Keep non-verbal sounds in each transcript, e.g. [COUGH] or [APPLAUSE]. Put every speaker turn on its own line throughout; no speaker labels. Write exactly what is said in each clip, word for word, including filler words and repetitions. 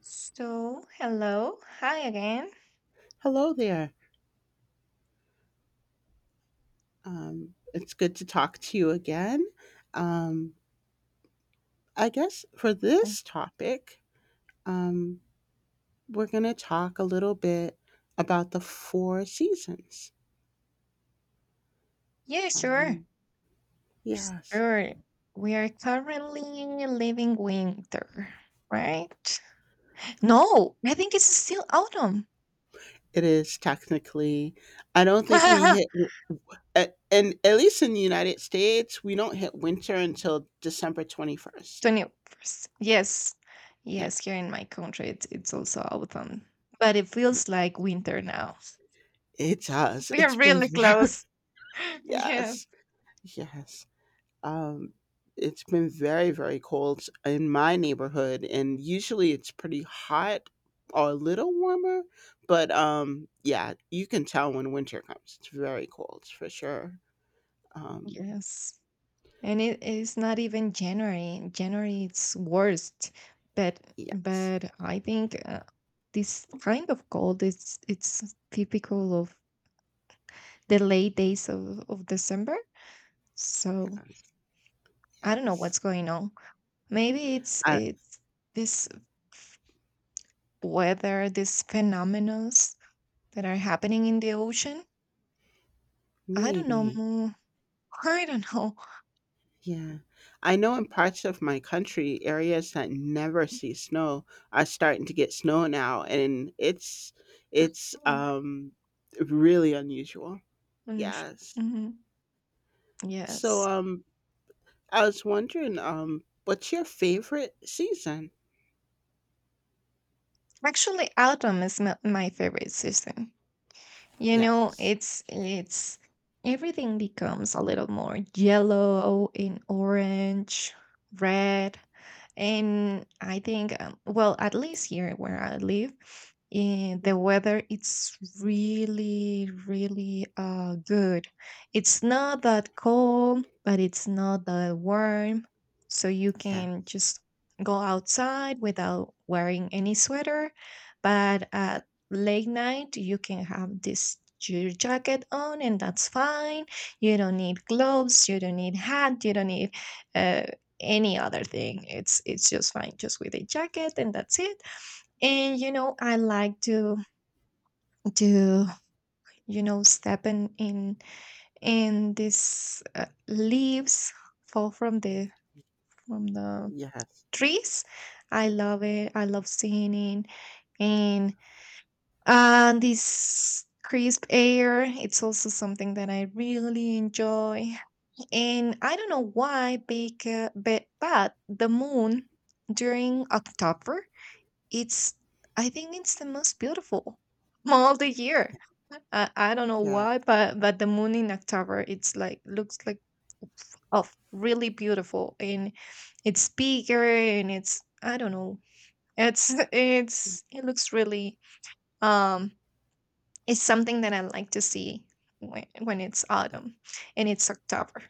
So, hello. Hi again.
Hello there. Um, it's good to talk to you again. Um, I guess for
Uh,
this topic, um, we're going to talk a little bit about the four seasons.
Yeah, sure.
Um, yes,
Sure. We are currently living winter, right? No, I think it's still autumn.
it is technically. I don't think we hit,
[LAUGHS]
a- and at least in the United States, we don't hit winter until December twenty-first.
twenty-first. Yes. Yes, here in my country, it's, it's also autumn, but it
Yeah,
feels like winter now.
it
[LAUGHS]
does.
We are
It's been,
really
[LAUGHS] very
close. [LAUGHS] Yes.
yes, yes. Um, it's been very, very cold in my neighborhood, and usually it's pretty hot or a little warmer. But um, yeah, you can tell when winter comes. It's very cold for sure. Um,
Yes. And it is not even January. January it's worst, but
yes,
but I think uh, this kind of cold is it's typical of the late days of, of December. So
yes,
I don't know
yes.
what's going on. Maybe it's
I,
it's this f- weather, these phenomenons that are happening in the ocean. I don't know.
maybe.
mm, I don't know.
Yeah. I know in parts of my country, areas that never see snow are starting to get snow now, and it's it's
Mhm.
um really unusual.
I'm not sure.
Yes.
Mhm.
So,
Yes.
um, I was wondering, um, what's your favorite season?
Actually, autumn is my my favorite season. You know,
Yes.
it's it's everything becomes a little more yellow and orange, red. And I think, um, well, at least here where I live, eh, the weather it's really, really uh, good. It's not that cold, but it's not that warm, so you
Yeah.
can just go outside without wearing any sweater. But at late night, you can have this your jacket on, and that's fine. You don't need gloves. You don't need hat. You don't need uh, any other thing. It's it's just fine, just with a jacket and that's it. And you know, I like to to you know step in in in these uh, leaves fall from the from the
Yes.
trees. I love it. I love singing and uh, this crisp air. It's also something that I really enjoy. And I don't know why, but, but, but the moon during October. It's, I think it's the most beautiful month all the year. I, I don't know
Yeah.
why, but but the moon in October, it's like looks like, oh, really beautiful, and it's bigger, and it's I don't know, it's [LAUGHS] it's it looks really um it's something that I like to see when when it's autumn and it's October,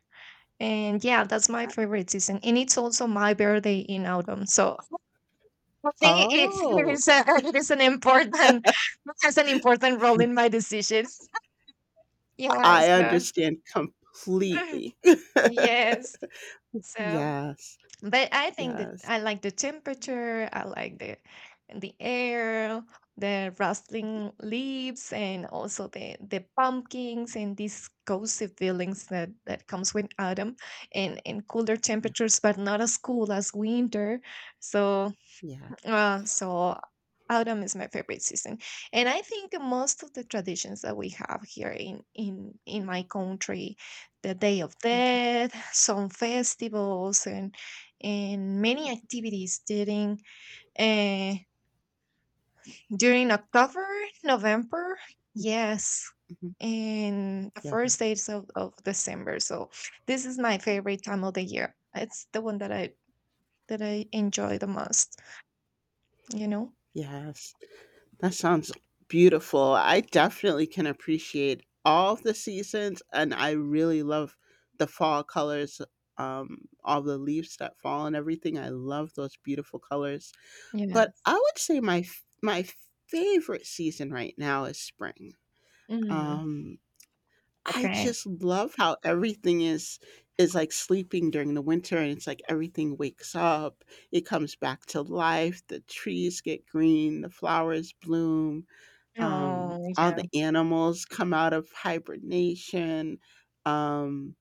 and yeah, that's my favorite season, and it's also my birthday in autumn, so I think it it
Oh,
is a, it is an important, has an important role in my decisions. [LAUGHS] Yeah.
I
So
understand
[LAUGHS]
completely. [LAUGHS]
yes. So,
Yes.
but I think that
Yes.
I like the temperature. I like the the air, the rustling leaves, and also the the pumpkins and these cozy feelings that that comes with autumn and and cooler
Yeah.
temperatures, but not as cool as winter. So
Yeah.
Uh, so autumn is my favorite season, and I think most of the traditions that we have here in in in my country, the Day of Death, some festivals, and and many activities during uh, during October, November, yes,
Mhm.
and the
Yeah.
first days of, of December. So this is my favorite time of the year. It's the one that I that I enjoy the most. You know.
Yes. That sounds beautiful. I definitely can appreciate all of the seasons and I really love the fall colors, um, all the leaves that fall and everything. I love those beautiful colors. But
Yes.
I would say my f- my favorite season right now is spring.
Mm.
Um, I
Okay.
just love how everything is is like sleeping during the winter, and it's like everything wakes up. It comes back to life. The trees get green. The flowers bloom. Um,
Oh,
all
yeah.
the animals come out of hibernation. Um,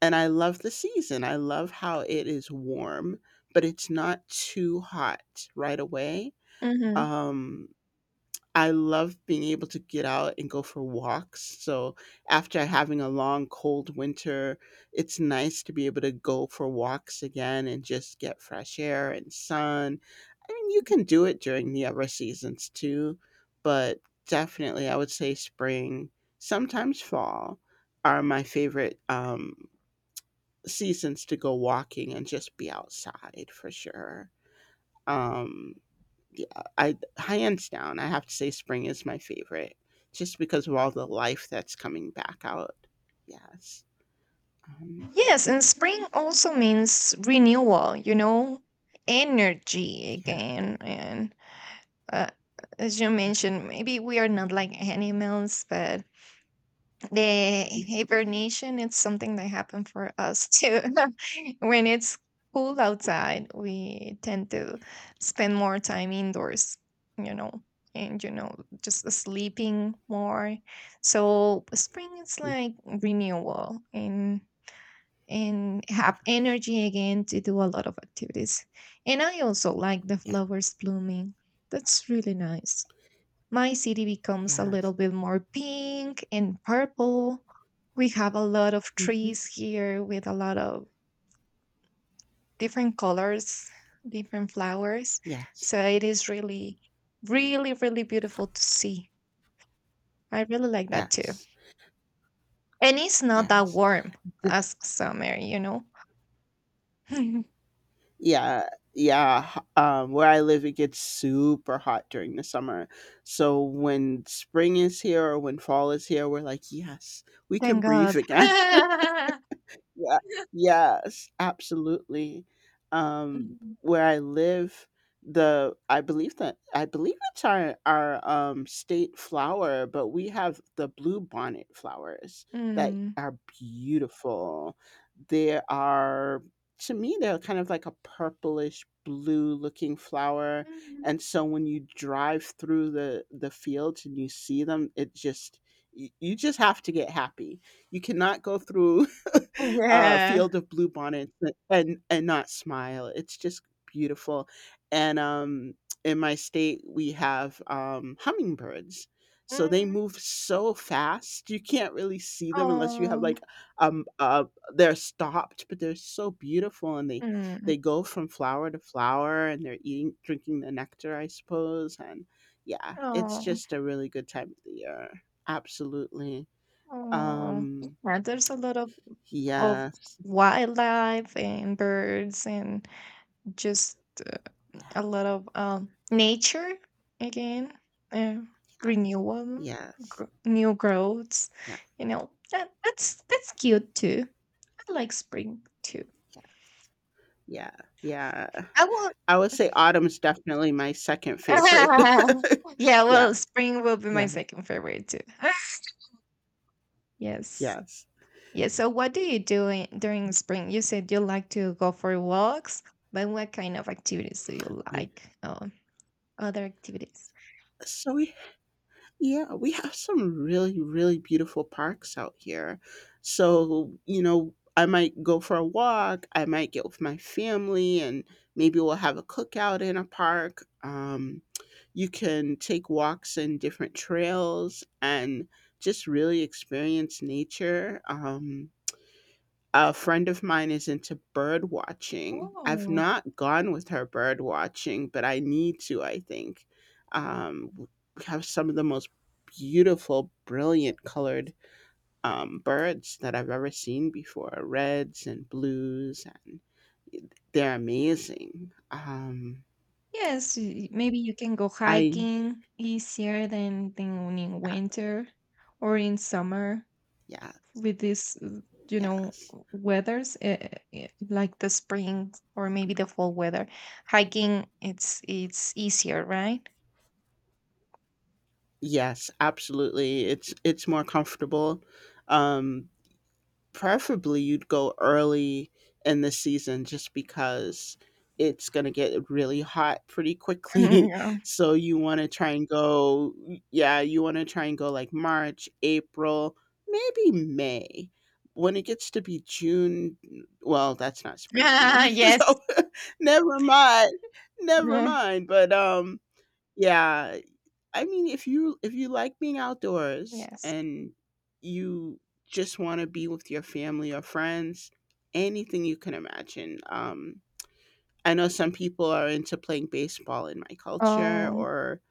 and I love the season. I love how it is warm, but it's not too hot right away.
Mhm.
Um, I love being able to get out and go for walks. So after having a long cold winter, it's nice to be able to go for walks again and just get fresh air and sun. I mean, you can do it during the other seasons too, but definitely I would say spring, sometimes fall are my favorite um seasons to go walking and just be outside for sure. Um yeah, I hands down, I have to say spring is my favorite just because of all the life that's coming back out. Yes. Um,
Yes, and spring also means renewal, you know, energy
yeah,
again. And uh, as you
yeah.
mentioned, maybe we are not like animals, but the hibernation it's something that happened for us too. [LAUGHS] When it's cool outside, we tend to spend more time indoors, you know, and you know just sleeping more. So spring is
mm,
like renewal and and
yeah, mm,
have
Yes.
energy again to do a lot of activities. And I also like the
Yeah.
flowers blooming. That's really nice. My city becomes a
Yes.
little bit more pink and purple. We have a lot of
hmm
trees here with a lot of different colors, different flowers.
Yes.
So it is really, really, really beautiful to see. I really like that too.
Yes.
And it's not that
Yes.
warm as summer, you know? [LAUGHS] Thank
Yeah, yeah. H- Um, where I live, it gets super hot during the summer. So when spring is here or when fall is here, we're like, yes, we can breathe
God.
again.
[LAUGHS]
Yeah. Yes, absolutely. Um,
Mm,
where I live, the I believe that I believe it's our our um state flower, but we have the blue bonnet flowers that
mm,
are beautiful. They are to me they're kind of like a purplish blue looking flower, and so when you drive through the the fields and you see them, it just you you just have to get happy you cannot go through
mm.
[LAUGHS] uh,
Yeah.
field of blue bonnets and and not smile. It's just beautiful. And um, in my state, we have um, hummingbirds. So they
Mm,
move so fast, you can't really see them unless you have
Oh.
like um uh they're stopped, but they're so beautiful and they
mm,
they go from flower to flower and they're eating drinking the nectar, I suppose. And yeah, it's
Oh.
just a really good time of the year. Absolutely.
Oh,
Um
yeah, there's a lot of of
yes.
wildlife and birds and just
yeah.
a lot of um nature again, uh,
Yes.
renewal, gr
Yes.
new growths.
Yeah,
You know that that's that's cute too. I like spring too.
yeah, yeah, yeah.
I will.
I would say autumn's definitely my second favorite. [LAUGHS]
[LAUGHS] Yeah,
Yeah,
well, spring will be my
yeah,
second favorite too. [LAUGHS] Yes.
yes.
Yeah, so what do you do in, during spring? You said you like to go for walks, but what kind of activities do you
Yeah.
like? Um, other activities?
So we Yeah, we have some really, really beautiful parks out here. So, you know, I might go for a walk. I might get with my family and maybe we'll have a cookout in a park. Um, you can take walks in different trails and just really experience nature. Um, a friend of mine is into bird watching. I've
Oh,
not gone with her bird watching, but I need to, I think. Um, we have some of the most beautiful, brilliant colored um, birds that I've ever seen before reds and blues, and they're amazing. Um,
yes, y- maybe you can go
I,
hiking easier than, than in winter or in summer
yeah,
with this, uh, you know,
yes.
weathers uh, uh, like the spring or maybe the fall weather. Hiking, it's it's easier, right?
Yes, absolutely. It's it's more comfortable. Um Preferably you'd go early in the season just because it's gonna get really hot pretty
[LAUGHS]
quickly.
yeah.
[LAUGHS] So you wanna try and go yeah, you wanna try and go, like, March, April, maybe May. When it gets to be June well, that's not spring anymore, [LAUGHS]
[LAUGHS] yes.
so [LAUGHS] never mind, never
Yeah.
mind, but, um, yeah, I mean, if you if you like being outdoors
Yes.
and you just want to be with your family or friends, anything you can imagine. Um, I know some people are into playing baseball in my culture,
Oh.
or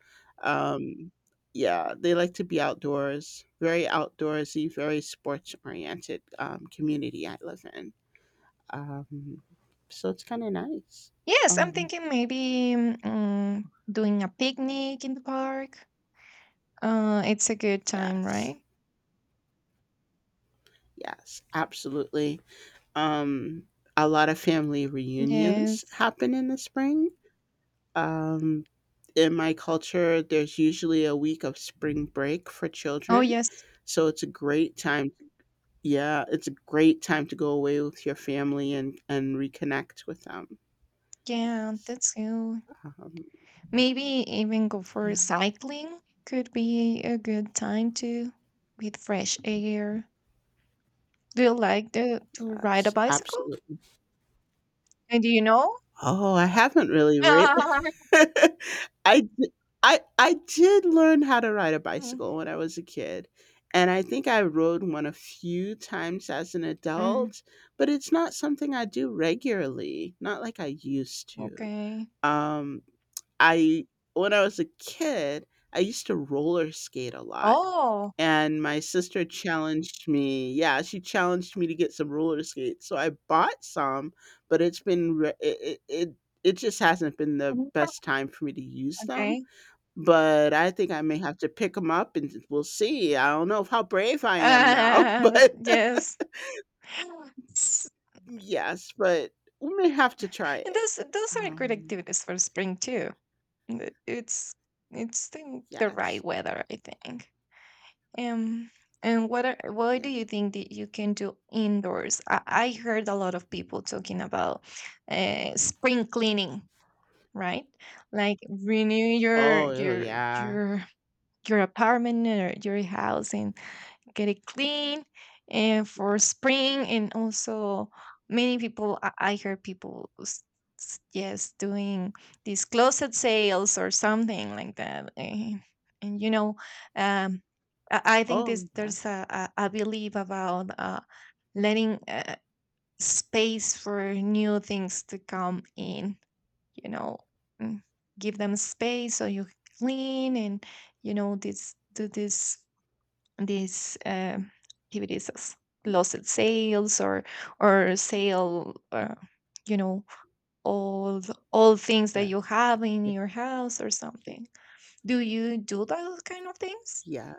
um, yeah, they like to be outdoors. Very outdoorsy, very sports oriented um, community I live in. Um, so it's kind of nice.
Yes, I'm
Um,
thinking maybe mm, doing a picnic in the park. Uh, it's a good time,
yes,
right?
yes, absolutely. Um, a lot of family reunions
Yes.
happen in the spring. Um, in my culture, there's usually a week of spring break for
Oh,
children.
yes.
So it's a great time yeah, it's a great time to go away with your family and and reconnect with them.
Yeah,
Yes.
that's good.
Um,
Maybe even go for
yeah.
cycling could be a good time too, with fresh air. Do you like the, to ride a
Yes,
bicycle?
absolutely.
Uh, Do you know?
Oh, I haven't really writ
[LAUGHS]
[LAUGHS] I d- I I did learn how to ride a
Mm,
bicycle when I was a kid, and I think I rode one a few times as an
mm,
adult, but it's not something I do regularly, not like I used to.
okay.
Um I When I was a kid, I used to roller skate a lot.
Oh,
And my sister challenged me yeah, she challenged me to get some roller skates, so I bought some, but it's been re it it it it just hasn't been the
mhm,
best time for me to use them,
okay.
but I think I may have to pick them up and we'll see, I don't know how brave I am now, [LAUGHS]
Uh,
but
yes. [LAUGHS] S-
yes, but we may have to try
And
it.
those those are great
Um,
activities for spring too. And it- It's it's the, the right
yes,
weather, I think. Um, and what are, what
yeah.
do you think that you can do indoors? I, I heard a lot of people talking about uh, spring cleaning, right? Like renew your
Oh,
your
yeah,
your your apartment or your house and get it clean and for
yes.
spring and also many people i, I hear people s- s- yes doing these closet sales or something like that, and, and you know um i, I think this
Oh, yeah,
there's a, a, a belief about uh, letting uh, space for new things to come in, you know, mm, give them space so you clean and you know this do this these uh, activities as lost sales or or sale uh, you know all the- all things that
yeah,
you have in
yeah,
your house or something. Do you do those kind of things?
yeah.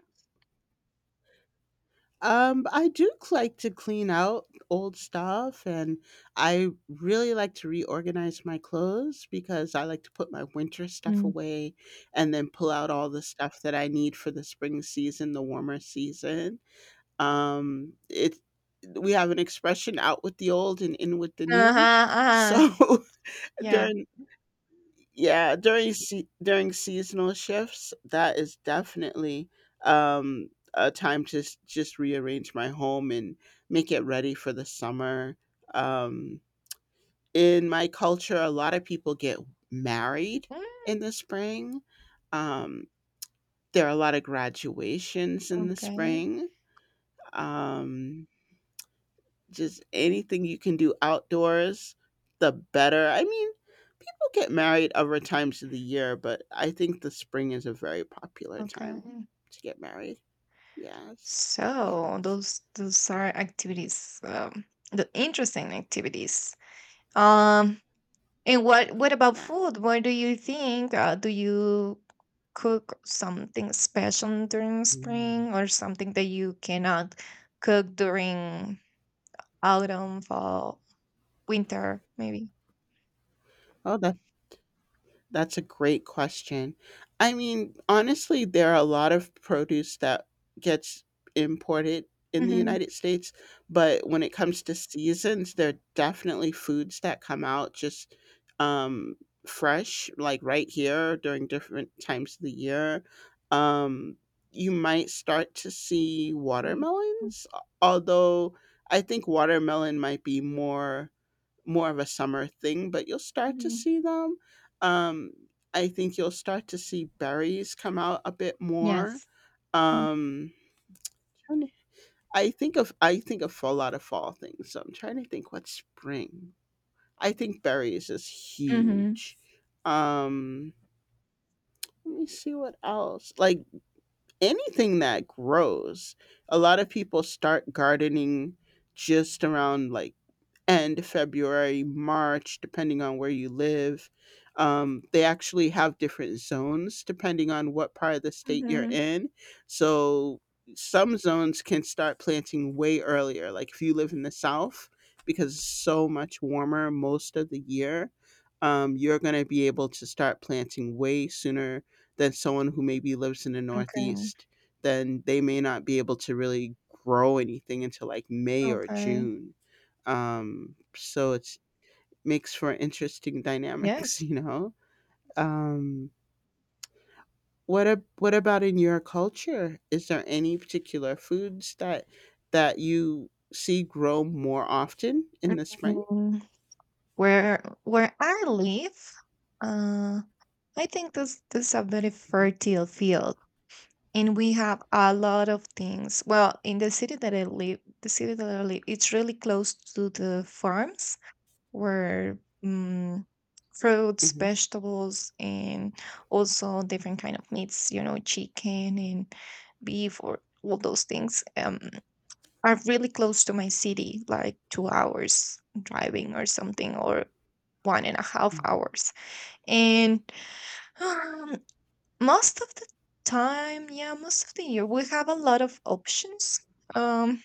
Um, I do like to clean out old stuff, and I really like to reorganize my clothes because I like to put my winter stuff
Mm.
away and then pull out all the stuff that I need for the spring season, the warmer season. Um, it We have an expression out with the old and in with the new.
Uh-huh, uh-huh.
So [LAUGHS]
Yeah.
during yeah during se- during seasonal shifts that is definitely um a time to s- just rearrange my home and make it ready for the summer um in my culture a lot of people get married
Mm,
in the spring um there are a lot of graduations in the
okay,
spring um just anything you can do outdoors the better I mean get married other times of the year, but I think the spring is a very popular time
okay.
to get married. Yes.
So
Yes.
those those are activities um, the interesting activities. Um. And what what about
Yeah.
food? What do you think? Uh, do you cook something special during
Mm.
spring or something that you cannot cook during autumn, fall, winter, maybe?
Oh, that's a great question. I mean, honestly, there are a lot of produce that gets imported in the
Hmm.
United States, but when it comes to seasons, there are definitely foods that come out just um, fresh, like right here during different times of the year. Um, you might start to see watermelons, although I think watermelon might be more more of a summer thing, but you'll start to
Mhm.
see them. Um, I think you'll start to see berries come out a bit more.
Yes. Mhm.
Um, trying to- I think of I think of a lot of fall things. So I'm trying to think what's spring. I think berries is
Hmm.
huge. Um, Let me see what else. Like anything that grows. A lot of people start gardening just around like end February, March, depending on where you live. Um, they actually have different zones depending on what part of the state you're
Hmm.
in. So some zones can start planting way earlier. Like if you live in the South, because it's so much warmer most of the year, um, you're going to be able to start planting way sooner than someone who maybe lives in the
Okay.
Northeast. Then they may not be able to really grow anything until like May or
Okay.
June. Um, so it makes for interesting dynamics, [LAUGHS]
Yes.
you know. Um, what ab- what about in your culture? Is there any particular foods that that you see grow more often in the spring?
Mm, Where where I live, uh, I think this this is a very
Mhm,
fertile field. And we have a lot of things. Well, in the city that I live, the city that I live, it's really close to the farms where mm fruits,
mhm,
vegetables, and also different kind of meats. You know, chicken and beef, or all those things um, are really close to my city, like two hours driving or something, or one and a half
mhm,
hours. And [SIGHS] Most of the time, yeah, most of the year we have a lot of options. Um,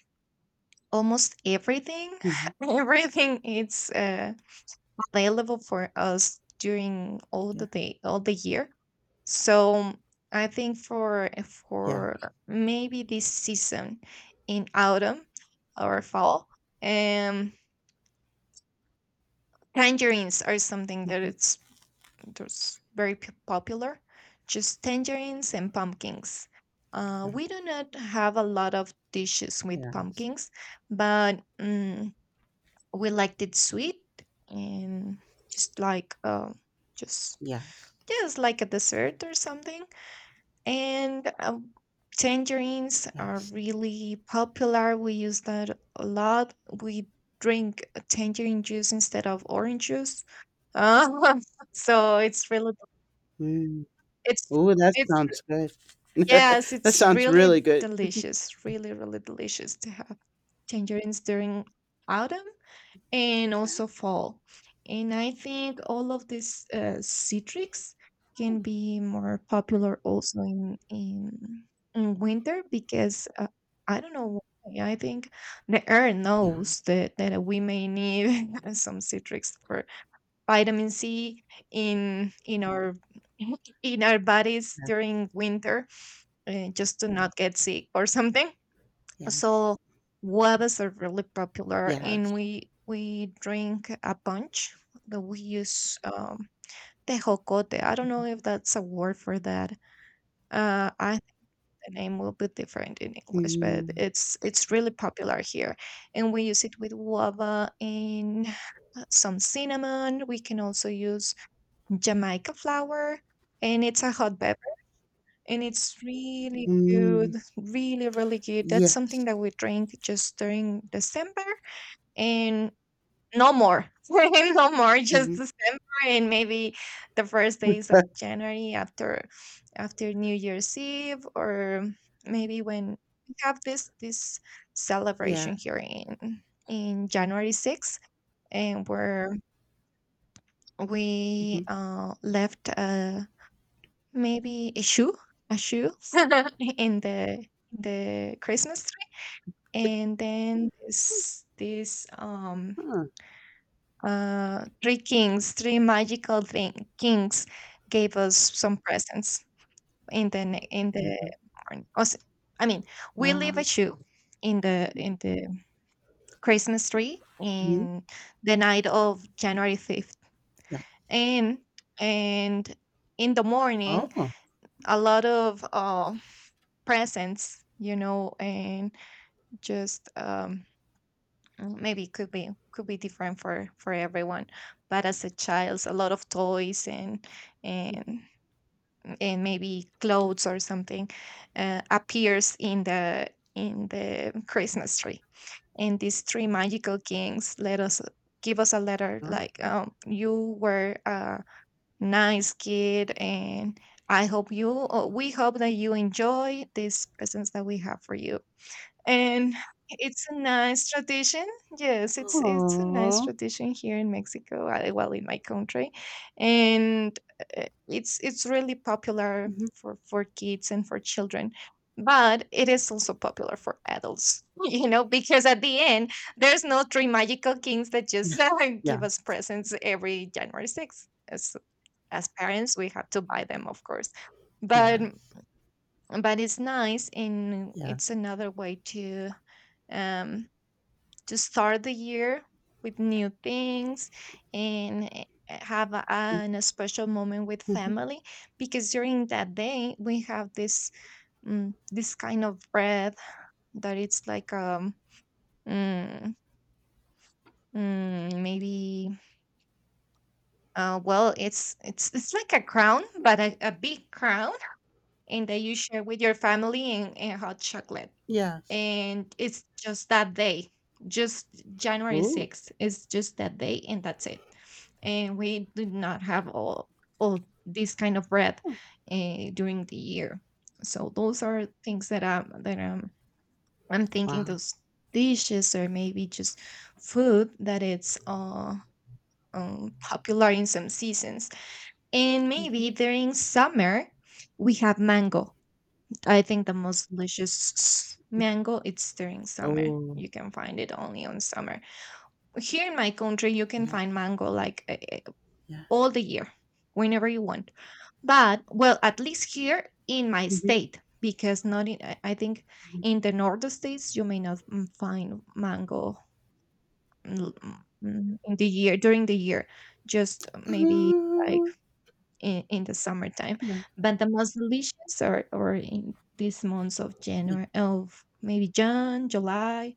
almost everything,
mhm.
[LAUGHS] everything is uh, available for us during all the
Yeah,
day, all the year. So I think for
yeah,
for maybe this season in autumn or fall, um, tangerines are something that
mhm,
it's. Those very p- popular, just tangerines and pumpkins. Uh,
yeah,
we do not have a lot of dishes with
yeah,
pumpkins, but mm we liked it sweet and just like uh, just
yes,
just like a dessert or something. And uh, tangerines are
yes.
really popular. We use that a lot. We drink tangerine juice instead of orange juice. Uh, [LAUGHS] so it's really
Mm.
it's
Oh, that
it's
sounds good. [LAUGHS]
yes,
that
it's
sounds
really
really good.
delicious, really, really delicious to have tangerines during autumn and also fall. And I think all of these uh, citrics can be more popular also in in, in winter because uh, I don't know why. I think the air
Yeah,
knows that that we may need [LAUGHS] some citrics for vitamin C in in our [LAUGHS] in our bodies during winter, uh, just to not get sick or something.
yes,
So guavas are really popular, and
yes,
we we drink a punch that we use um, tejocote. I don't know
yes.
if that's a word for that. Uh, I think the name will be different in English, but
Mm,
it's it's really popular here, and we use it with guava and uh, some cinnamon. We can also use Jamaica flower, and it's a hot beverage, and it's really good,
mm,
really, really good. That's something
yes.
that we drink just during December, and no more, [LAUGHS] no more, just
Mhm.
December, and maybe the first days of
[LAUGHS]
January after after New Year's Eve, or maybe when we have this this
Yeah.
celebration here in in January sixth, and where we
Mhm.
uh, left a, maybe a shoe, a shoe [LAUGHS] in the in the Christmas tree, and then this this um
Huh.
uh three kings, three magical thing kings gave us some presents in the ne- in the
Mhm.
morning. Also, I mean, we leave a
Wow.
shoe in the in the Christmas tree
Mhm.
in the night of January fifth,
Yeah.
and and in the morning
Oh.
a lot of uh, presents, you know, and just um, mm, maybe it could be, could be different for for everyone. But as a child, a lot of toys and
Mhm.
and and maybe clothes or something uh, appears in the in the Christmas tree. And these three magical kings let us give us a letter
Huh.
like um, you were. Uh, Nice, kid. And I hope you, or we hope that you enjoy these presents that we have for you. And it's a nice tradition. Yes, it's it's a nice
Aw.
tradition here in Mexico, uh, well, in my country, and uh, it's it's really popular
Mhm.
for for kids and for children. But it is also popular for adults, [LAUGHS] you know, because at the end, there's no three magical kings that just
[LAUGHS]
[LAUGHS]
Yeah.
give us presents every January sixth. As parents, we have to buy them, of course,
Yeah.
but
Yes.
but it's nice, and
Yeah.
it's another way to um to start the year with new things and eh, have a,
Mm,
an, a special moment with
mhm.
family. Because during that day we have this mm, this kind of bread that it's like um mm, mm, maybe, uh, well, it's it's it's like a crown, but a, a big crown, and that you share with your family and, and hot chocolate.
Yes.
And it's just that day, just January
Oh.
6th. It's just that day, and that's it. And we do not have all, all this kind of bread uh, during the year. So those are things that I'm that I'm I'm thinking,
Wow.
those dishes or maybe just food that it's uh um, popular in some seasons. And
Mhm.
maybe during summer we have mango. I think the most delicious s- mango it's during summer.
Oh,
You can find it only on summer. Here in my country, you can
yeah.
find mango like uh, uh,
Yeah.
all the year, whenever you want. But well, at least here in my
Mhm.
state, because not in I I think
Mhm.
in the northern states you may not mm, find mango, mm, mm, in the year, during the year, just maybe, like
Oh,
in, in the summertime.
yeah.
But the most delicious are, are in these months of
Y
January, of maybe June, July,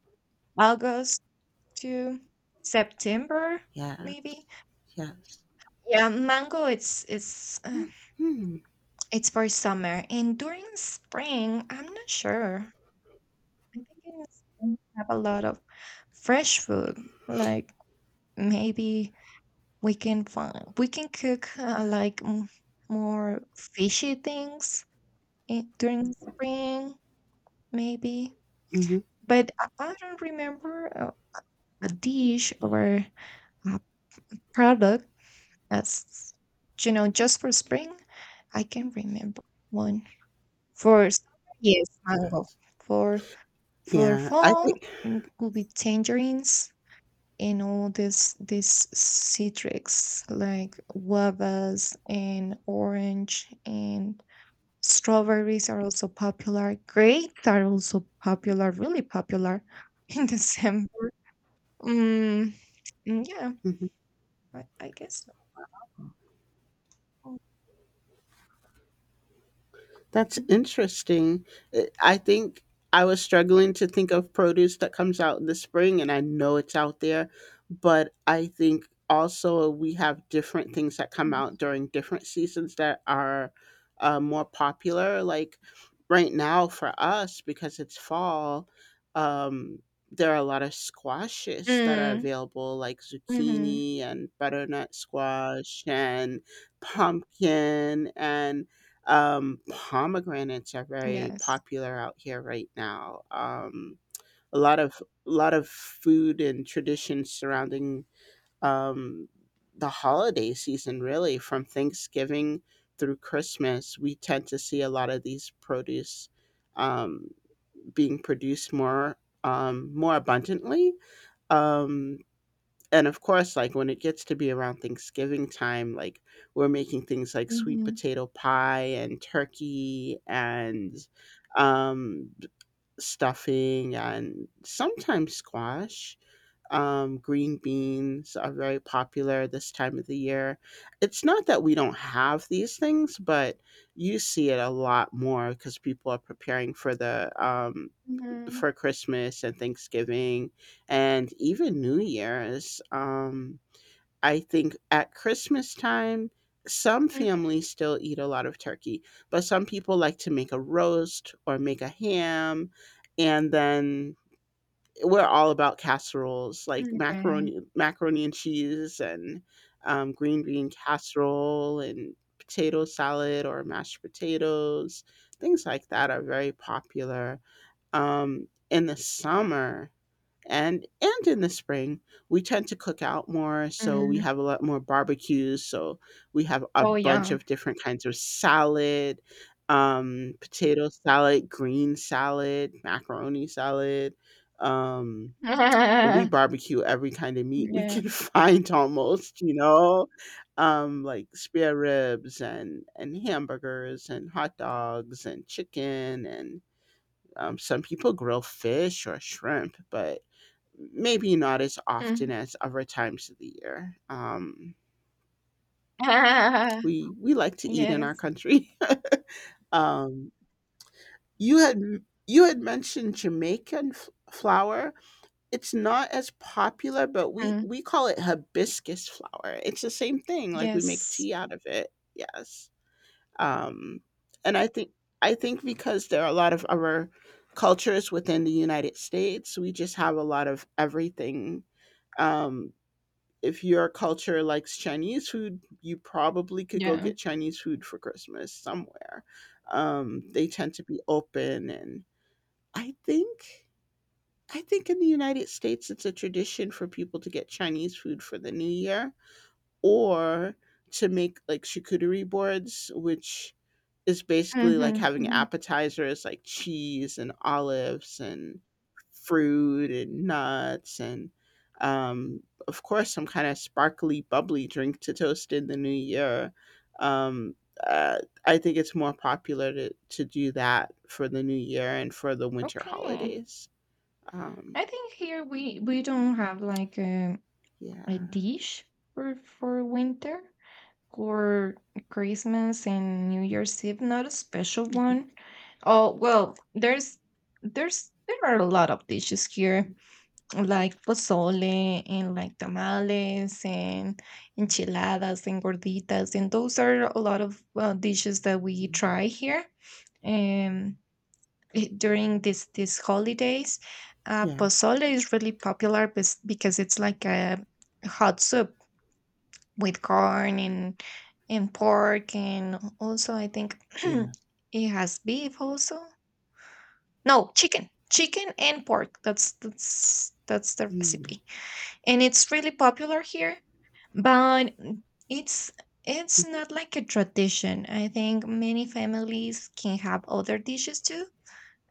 August to September,
yeah.
maybe.
Yes.
Yeah, mango. It's it's uh,
Mhm.
it's for summer, and during spring, I'm not sure. I think in spring we have a lot of fresh food. Like maybe we can find we can cook uh, like m- more fishy things in, during spring. Maybe,
Mhm.
but I I don't remember a, a dish or a product that's, you know, just for spring. I can remember one for summer, yes,
Yeah.
mango. For for
Yeah. I
fall,
think
it could be tangerines and all this this citrus, like guavas and orange, and strawberries are also popular. Grapes are also popular, really popular [LAUGHS] in December. Mm, mm, yeah, I I guess so.
that's
Mhm,
interesting. Uh, I think I was struggling to think of produce that comes out in the spring, and I know it's out there, but I think also we have different things that come
yes.
out during different seasons that are uh, more popular. Like right now for us, because it's fall, um, there are a lot of squashes that are
Mm,
available, like
mhm,
zucchini and butternut squash and pumpkin and um, pomegranates are very
yes.
popular out here right now. Um, a lot of a lot of food and traditions surrounding um, the holiday season, really, from Thanksgiving through Christmas. We tend to see a lot of these produce um, being produced more, um, more abundantly. Um, and of course, like when it gets to be around Thanksgiving time, like we're making things like sweet
Mhm,
potato pie and turkey and um stuffing and sometimes squash. Um green beans are very popular this time of the year. It's not that we don't have these things, but you see it a lot more because people are preparing for the um
mhm.
for Christmas and Thanksgiving and even New Year's. um I think at Christmas time, some
Mm,
families still eat a lot of turkey, but some people like to make a roast or make a ham, and then we're all about casseroles, like
mhm, okay,
macaroni, macaroni and cheese, and um, green bean casserole, and potato salad or mashed potatoes. Things like that are very popular. Um, in the summer, and and in the spring we tend to cook out more, so we
mm.
have a lot more barbecues, so we have a
Oh,
bunch
yeah.
of different kinds of salad, um potato salad, green salad, macaroni salad. um we
[LAUGHS]
barbecue every kind of
Mm.
meat we
Yeah.
can [LAUGHS] find almost, you know um Like spare ribs and and hamburgers and hot dogs and chicken and um, some people grill fish or shrimp, but maybe not as often
Mhm.
as other times of the year. Um,
[LAUGHS]
we we like to eat in our
Yes.
country. [LAUGHS] um, you had you had mentioned Jamaican f- flour. It's not as popular, but we
Mm,
we call it hibiscus flower. It's the same thing. Like we make
yes.
tea out of it. Yes, um, and I think I think because there are a lot of other cultures within the United States, we just have a lot of everything. um, if your culture likes Chinese food, you probably could go
Yeah.
get Chinese food for Christmas somewhere. Um, they tend to be open, and I think I think in the United States it's a tradition for people to get Chinese food for the New Year, or to make like charcuterie boards, which is basically like
Mhm,
having
mhm.
appetizers like cheese and olives and fruit and nuts and um, of course some kind of sparkly bubbly drink to toast in the new year. Um, uh, I think it's more popular to, to do that for the new year and for the winter
Okay.
holidays. Um,
I think here we we don't have, like, a a
yeah.
dish for for winter. Or Christmas and New
Mhm,
Year's Eve, not a special
mhm,
one. Oh well, there's there's there are a lot of dishes here, like pozole and like tamales and
mhm,
enchiladas and gorditas, and those are a lot of uh, dishes that we
mhm.
try here. Um, eh, during this these holidays, uh,
Yeah.
pozole is really popular bes- because it's like a hot soup with corn and and pork, and also I think [CLEARS THROAT]
Yeah.
it has beef also. No, chicken. Chicken and pork. That's that's that's the
Mm.
recipe. And it's really popular here, but it's it's not like a tradition. I think many families can have other dishes too,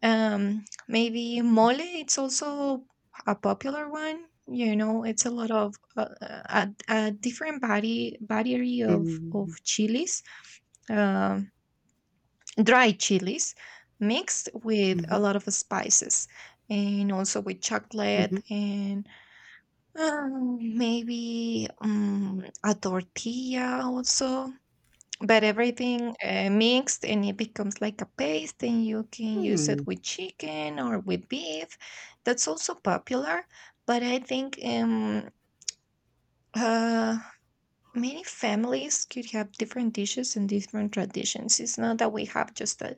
um, maybe mole, it's also a popular one. You know, it's a lot of uh, uh, a, a different body battery of of
Mhm,
chilies, um, dry chilies, mixed with a
mhm,
lot of spices, and also with chocolate
mhm,
and um, maybe um, a tortilla also, but everything uh, mixed, and it becomes like a paste, and you can use
hmm,
it with chicken or with beef. That's also popular. But I think um uh many families could have different dishes and different traditions. It's not that we have just a,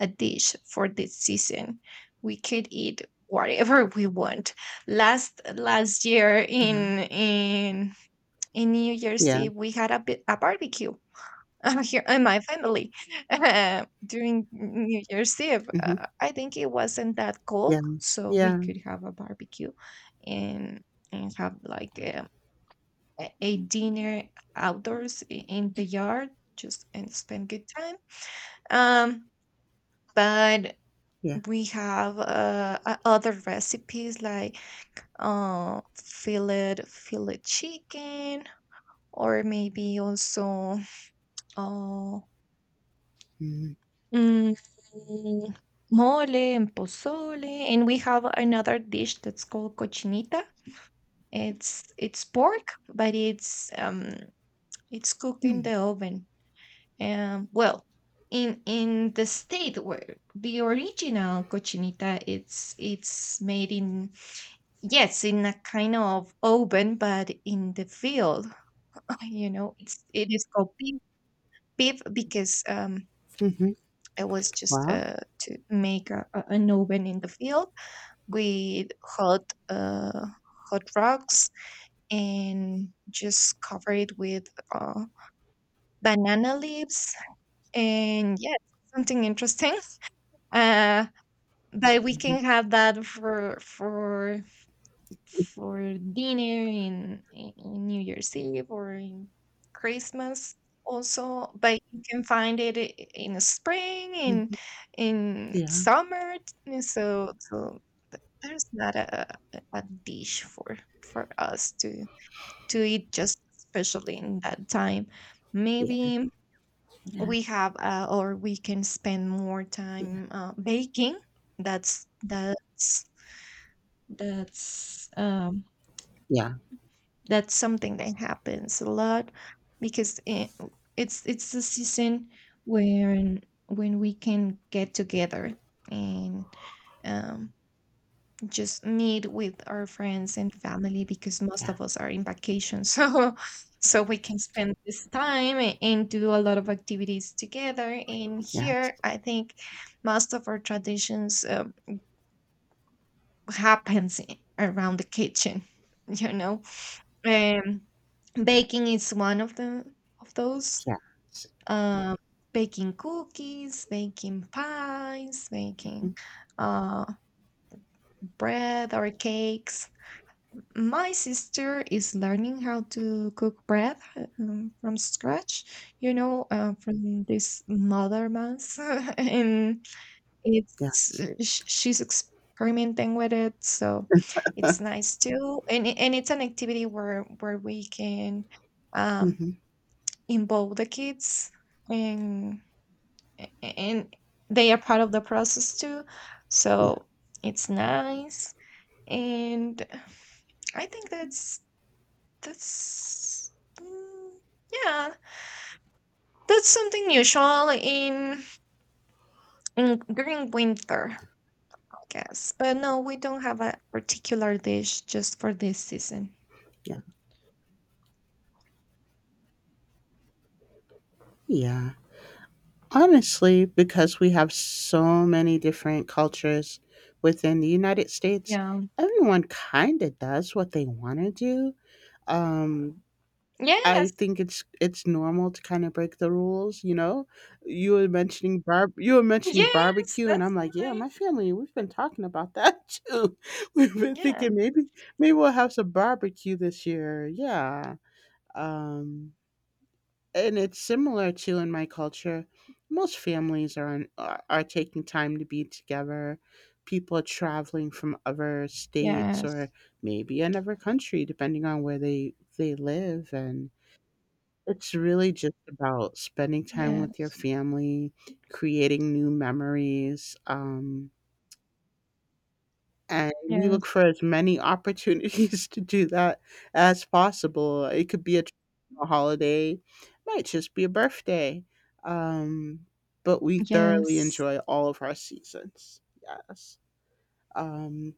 a dish for this season. We could eat whatever [LAUGHS] we want. Last last year
yeah,
in in in New Year's
yeah,
Eve we had a, bi- a barbecue [LAUGHS] here and my family. [LAUGHS] uh, during New Year's Eve,
mhm,
Uh, I think it wasn't that
yeah,
cold, so we
yeah,
could have a barbecue and and have like a, a a dinner outdoors i- in the yard, just and spend good time. Um, but
yeah,
we have uh, o- other recipes like uh fillet fillet chicken, or maybe also uh,
mhm,
Mm, mole and pozole. And we have another dish that's called cochinita. It's it's pork, but it's um it's cooked in
hmm,
the oven. Um, well, in in the state where the original cochinita, it's it's made in, yes, in a kind of oven, but in the field, [LAUGHS] you know, it's it is called beef, beef because um
mhm,
it was just
wow,
uh, to make a, a- an oven in the field with hot uh, hot rocks, and just cover it with uh, banana leaves, and yes, something interesting. [LAUGHS] Uh, but we
mhm,
can have that for for for dinner in, in New Year's Eve or in Christmas also, but you can find it i- in spring, in
mhm,
in
yeah,
summer. t- So so th- there's not a, a a dish for for us to to eat just especially in that time.
yeah,
Maybe
yeah,
we have uh, or we can spend more
yeah,
time uh, baking. That's that's that's um
yeah,
That's something that happens a lot because eh, it's it's the season when when we can get together and um, just meet with our friends and family, because most
yeah,
of us are in vacation, [LAUGHS] so so we can spend this time a- and do a lot of activities together. And
yes,
here, I think most of our traditions uh, happens i- around the kitchen, [LAUGHS] you know. Baking is one of the of those.
yes, yeah,
Um, baking cookies, baking pies, baking
mhm,
uh, bread or cakes. My sister is learning how to cook bread uh, um, from scratch. You know, uh, from this mother mass, [LAUGHS] and it's
yes,
uh, sh- she's experimenting with it, so it's
[LAUGHS]
nice too. And it- and it's an activity where where we can. Um,
mhm,
involve the kids and and they are part of the process too,
yeah,
so it's nice, and I think that's that's mm, yeah, that's something usual in, in during winter, I guess. But no, we don't have a particular dish just for this season.
yeah, yeah. Honestly, because we have so many different cultures within the United States,
Yeah,
everyone kind of does what they want to do. Um, I
yes,
think it's it's normal to kind of break the rules, you know. You were mentioning bar you were mentioning
yes,
barbecue, and
that's
I'm
so
like, yeah, my
nice.
family, we've been talking about that [LAUGHS] too. We've been
Yeah,
thinking maybe maybe we'll have some barbecue this year. Yeah, um, and it's similar to in my culture. Most families are on, are are taking time to be together. People are traveling from other states or
yes,
maybe another country, depending on where they they live, and it's really just about spending time with your
yes,
family, creating new memories, um, and we look
yes.
for as many opportunities [LAUGHS] to do that as possible. It could be a traditional holiday, it might just be a birthday, um, but we thoroughly
Yes.
enjoy all of our seasons. Yes. Um,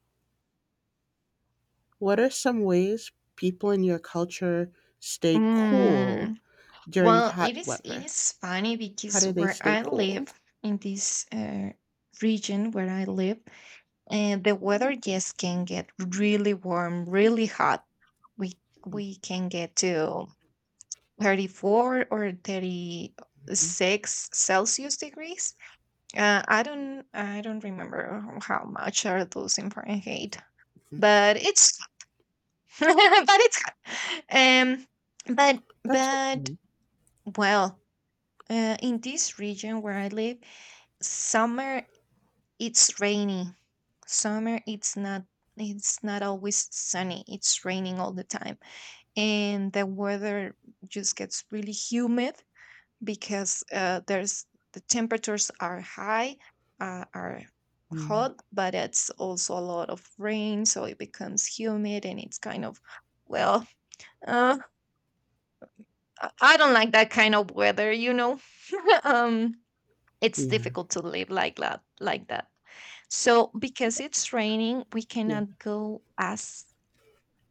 what are some ways people in your culture stay cool
Mm.
during
Well, it
hot
is it
weather?
is funny
How
because
do they
where
stay
I
cool?
live in this uh, region where I live, and the weather just can get really warm, really hot. We we can get to thirty-four or thirty-six Celsius degrees. Uh, I don't I don't remember how much are those in Fahrenheit,
Mm,
but it's [LAUGHS] but it's hot. Um, but
that's
but
okay.
well, uh, in this region where I live, summer it's rainy. Summer it's not it's not always sunny. It's raining all the time, and the weather just gets really humid because uh, there's the temperatures are high, uh, are
Mm,
hot, but it's also a lot of rain, so it becomes humid, and it's kind of, well, uh, I I don't like that kind of weather, you know. [LAUGHS] um it's
yeah,
difficult to live like that like that so because it's raining we
yeah,
cannot go as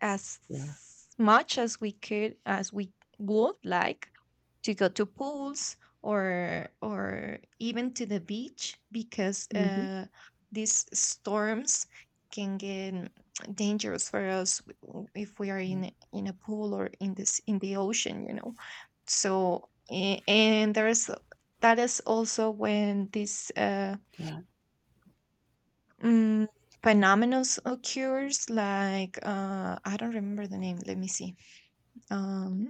as
yeah.
much as we could, as we would like, to go to pools or or even to the beach, because
Mhm.
uh, these storms can get [TSK] dangerous for us w- if we are
Yeah,
in in a pool or in this in the ocean, you know. So a- and there's that is also when this uh
yeah.
mm, phenomenon occurs, like uh I don't remember the name, let me see, um,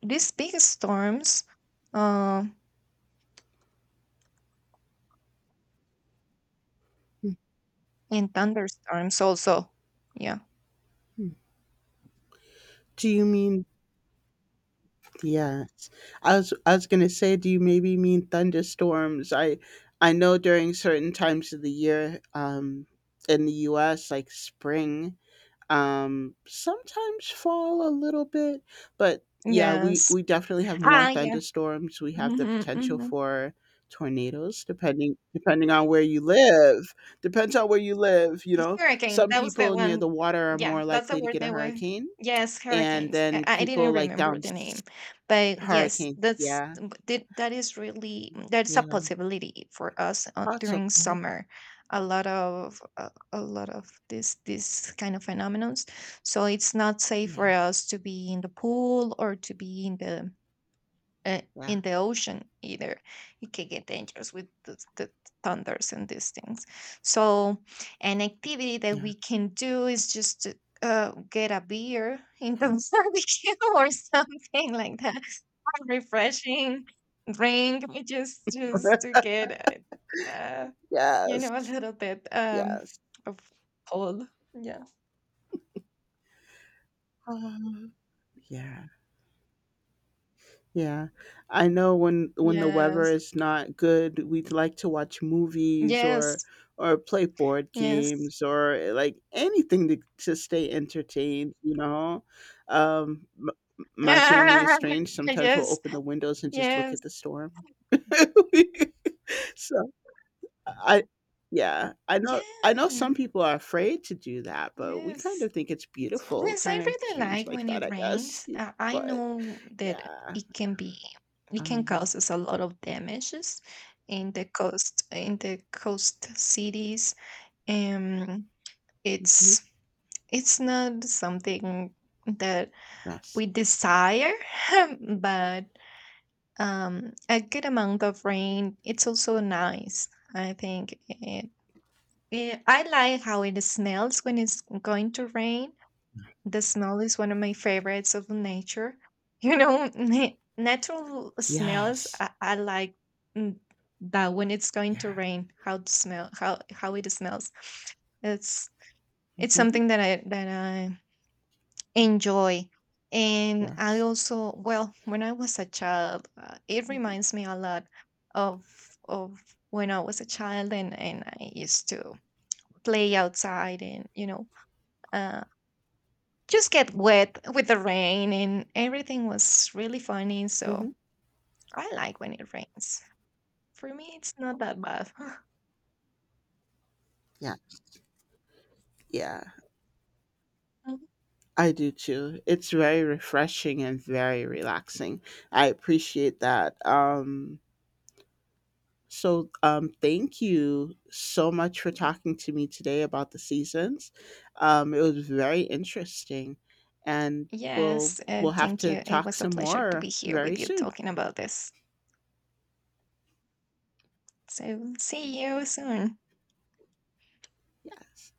these big storms, uh, and thunderstorms also. Yeah.
Mhm. Do you mean yes. I was I was gonna say, do you maybe mean thunderstorms? I I know during certain times of the year, um, in the U S, like spring, um sometimes fall a little bit, but yeah, we
Yes.
we definitely have more
Ah, yeah.
thunderstorms. We have the
Hmm,
potential
hmm.
for tornadoes, depending depending on where you live. Depends on where you live, you know.
Hurricane,
Some
that was the
people near the
one.
water are
Yeah,
more
that's the
likely to
word
get a
they were.
hurricane,
Yes,
and
hurricanes. I,
then
I
people
didn't
like down
remember the
s-
name, but yes,
hurricane,
that's
yeah.
that, that is really that's a
Yeah,
possibility for us uh,
also
during
mhm.
summer. A lot of uh, a lot of this this kind of phenomenons. So it's not safe
Yeah,
for us to be in the pool or to be in the uh,
yeah,
in the ocean either. It can get dangerous with the, the thunders and these things, so an activity that
yeah.
we can do is just to uh, get a beer in the [LAUGHS] barbecue or something like that, a refreshing drink, just just to
[LAUGHS]
get uh, uh, you
Yes,
know, a little bit um
yes.
of cold, yeah.
Uh, yeah. Yeah. I know when when the weather
Yes,
is not good, we'd like to watch movies or
yes,
or play board
yes.
games, or eh, like anything to to stay entertained, you know. Um m- m- my family is
[LAUGHS]
strange. Sometimes we'll
Yes, yes,
open the windows and just look
yes,
at the storm. [LAUGHS] So I yeah, I know I know some
yeah.
people are afraid to do that, but we kind
Yes.
of think it's beautiful,
Yes, I
kind of
really
strange
like
like
when
that,
it
I guess.
rains. Uh, I
But
know that
yeah.
it can be it can
Um,
cause us a lot of damages in the coast, in the coast cities. Um
mm-hmm.
it's it's not something that
Yes.
we desire, [LAUGHS] but um a good amount of rain, it's also nice. I think it, it, I like how it smells when it's going to rain. The smell is one of my favorites of nature. [LAUGHS] You know, na- natural smells.
Yes.
I, I like mm, that when it's going to
Yeah.
rain. How the smell? How how it smells. It's it's
Hmm.
something that I that I enjoy. And I
Yes.
also, well, when I was a child, uh, it reminds me a lot of of when I was a child, and and I used to play outside and you know, uh, just get wet with the rain, and everything was really funny, so
Hmm.
I like when it rains. For me, it's not that bad.
Yeah. Yeah.
[LAUGHS]
I do too. It's very refreshing and very relaxing. I appreciate that. Um so um thank you so much for talking to me today about the seasons. Um it was very interesting, and we'll
Yes, uh,
we'll have
thank
to
you, it
talk
was a
some
pleasure to be
more
here
very
with you
soon.
talking about this, so see you soon.
Yes.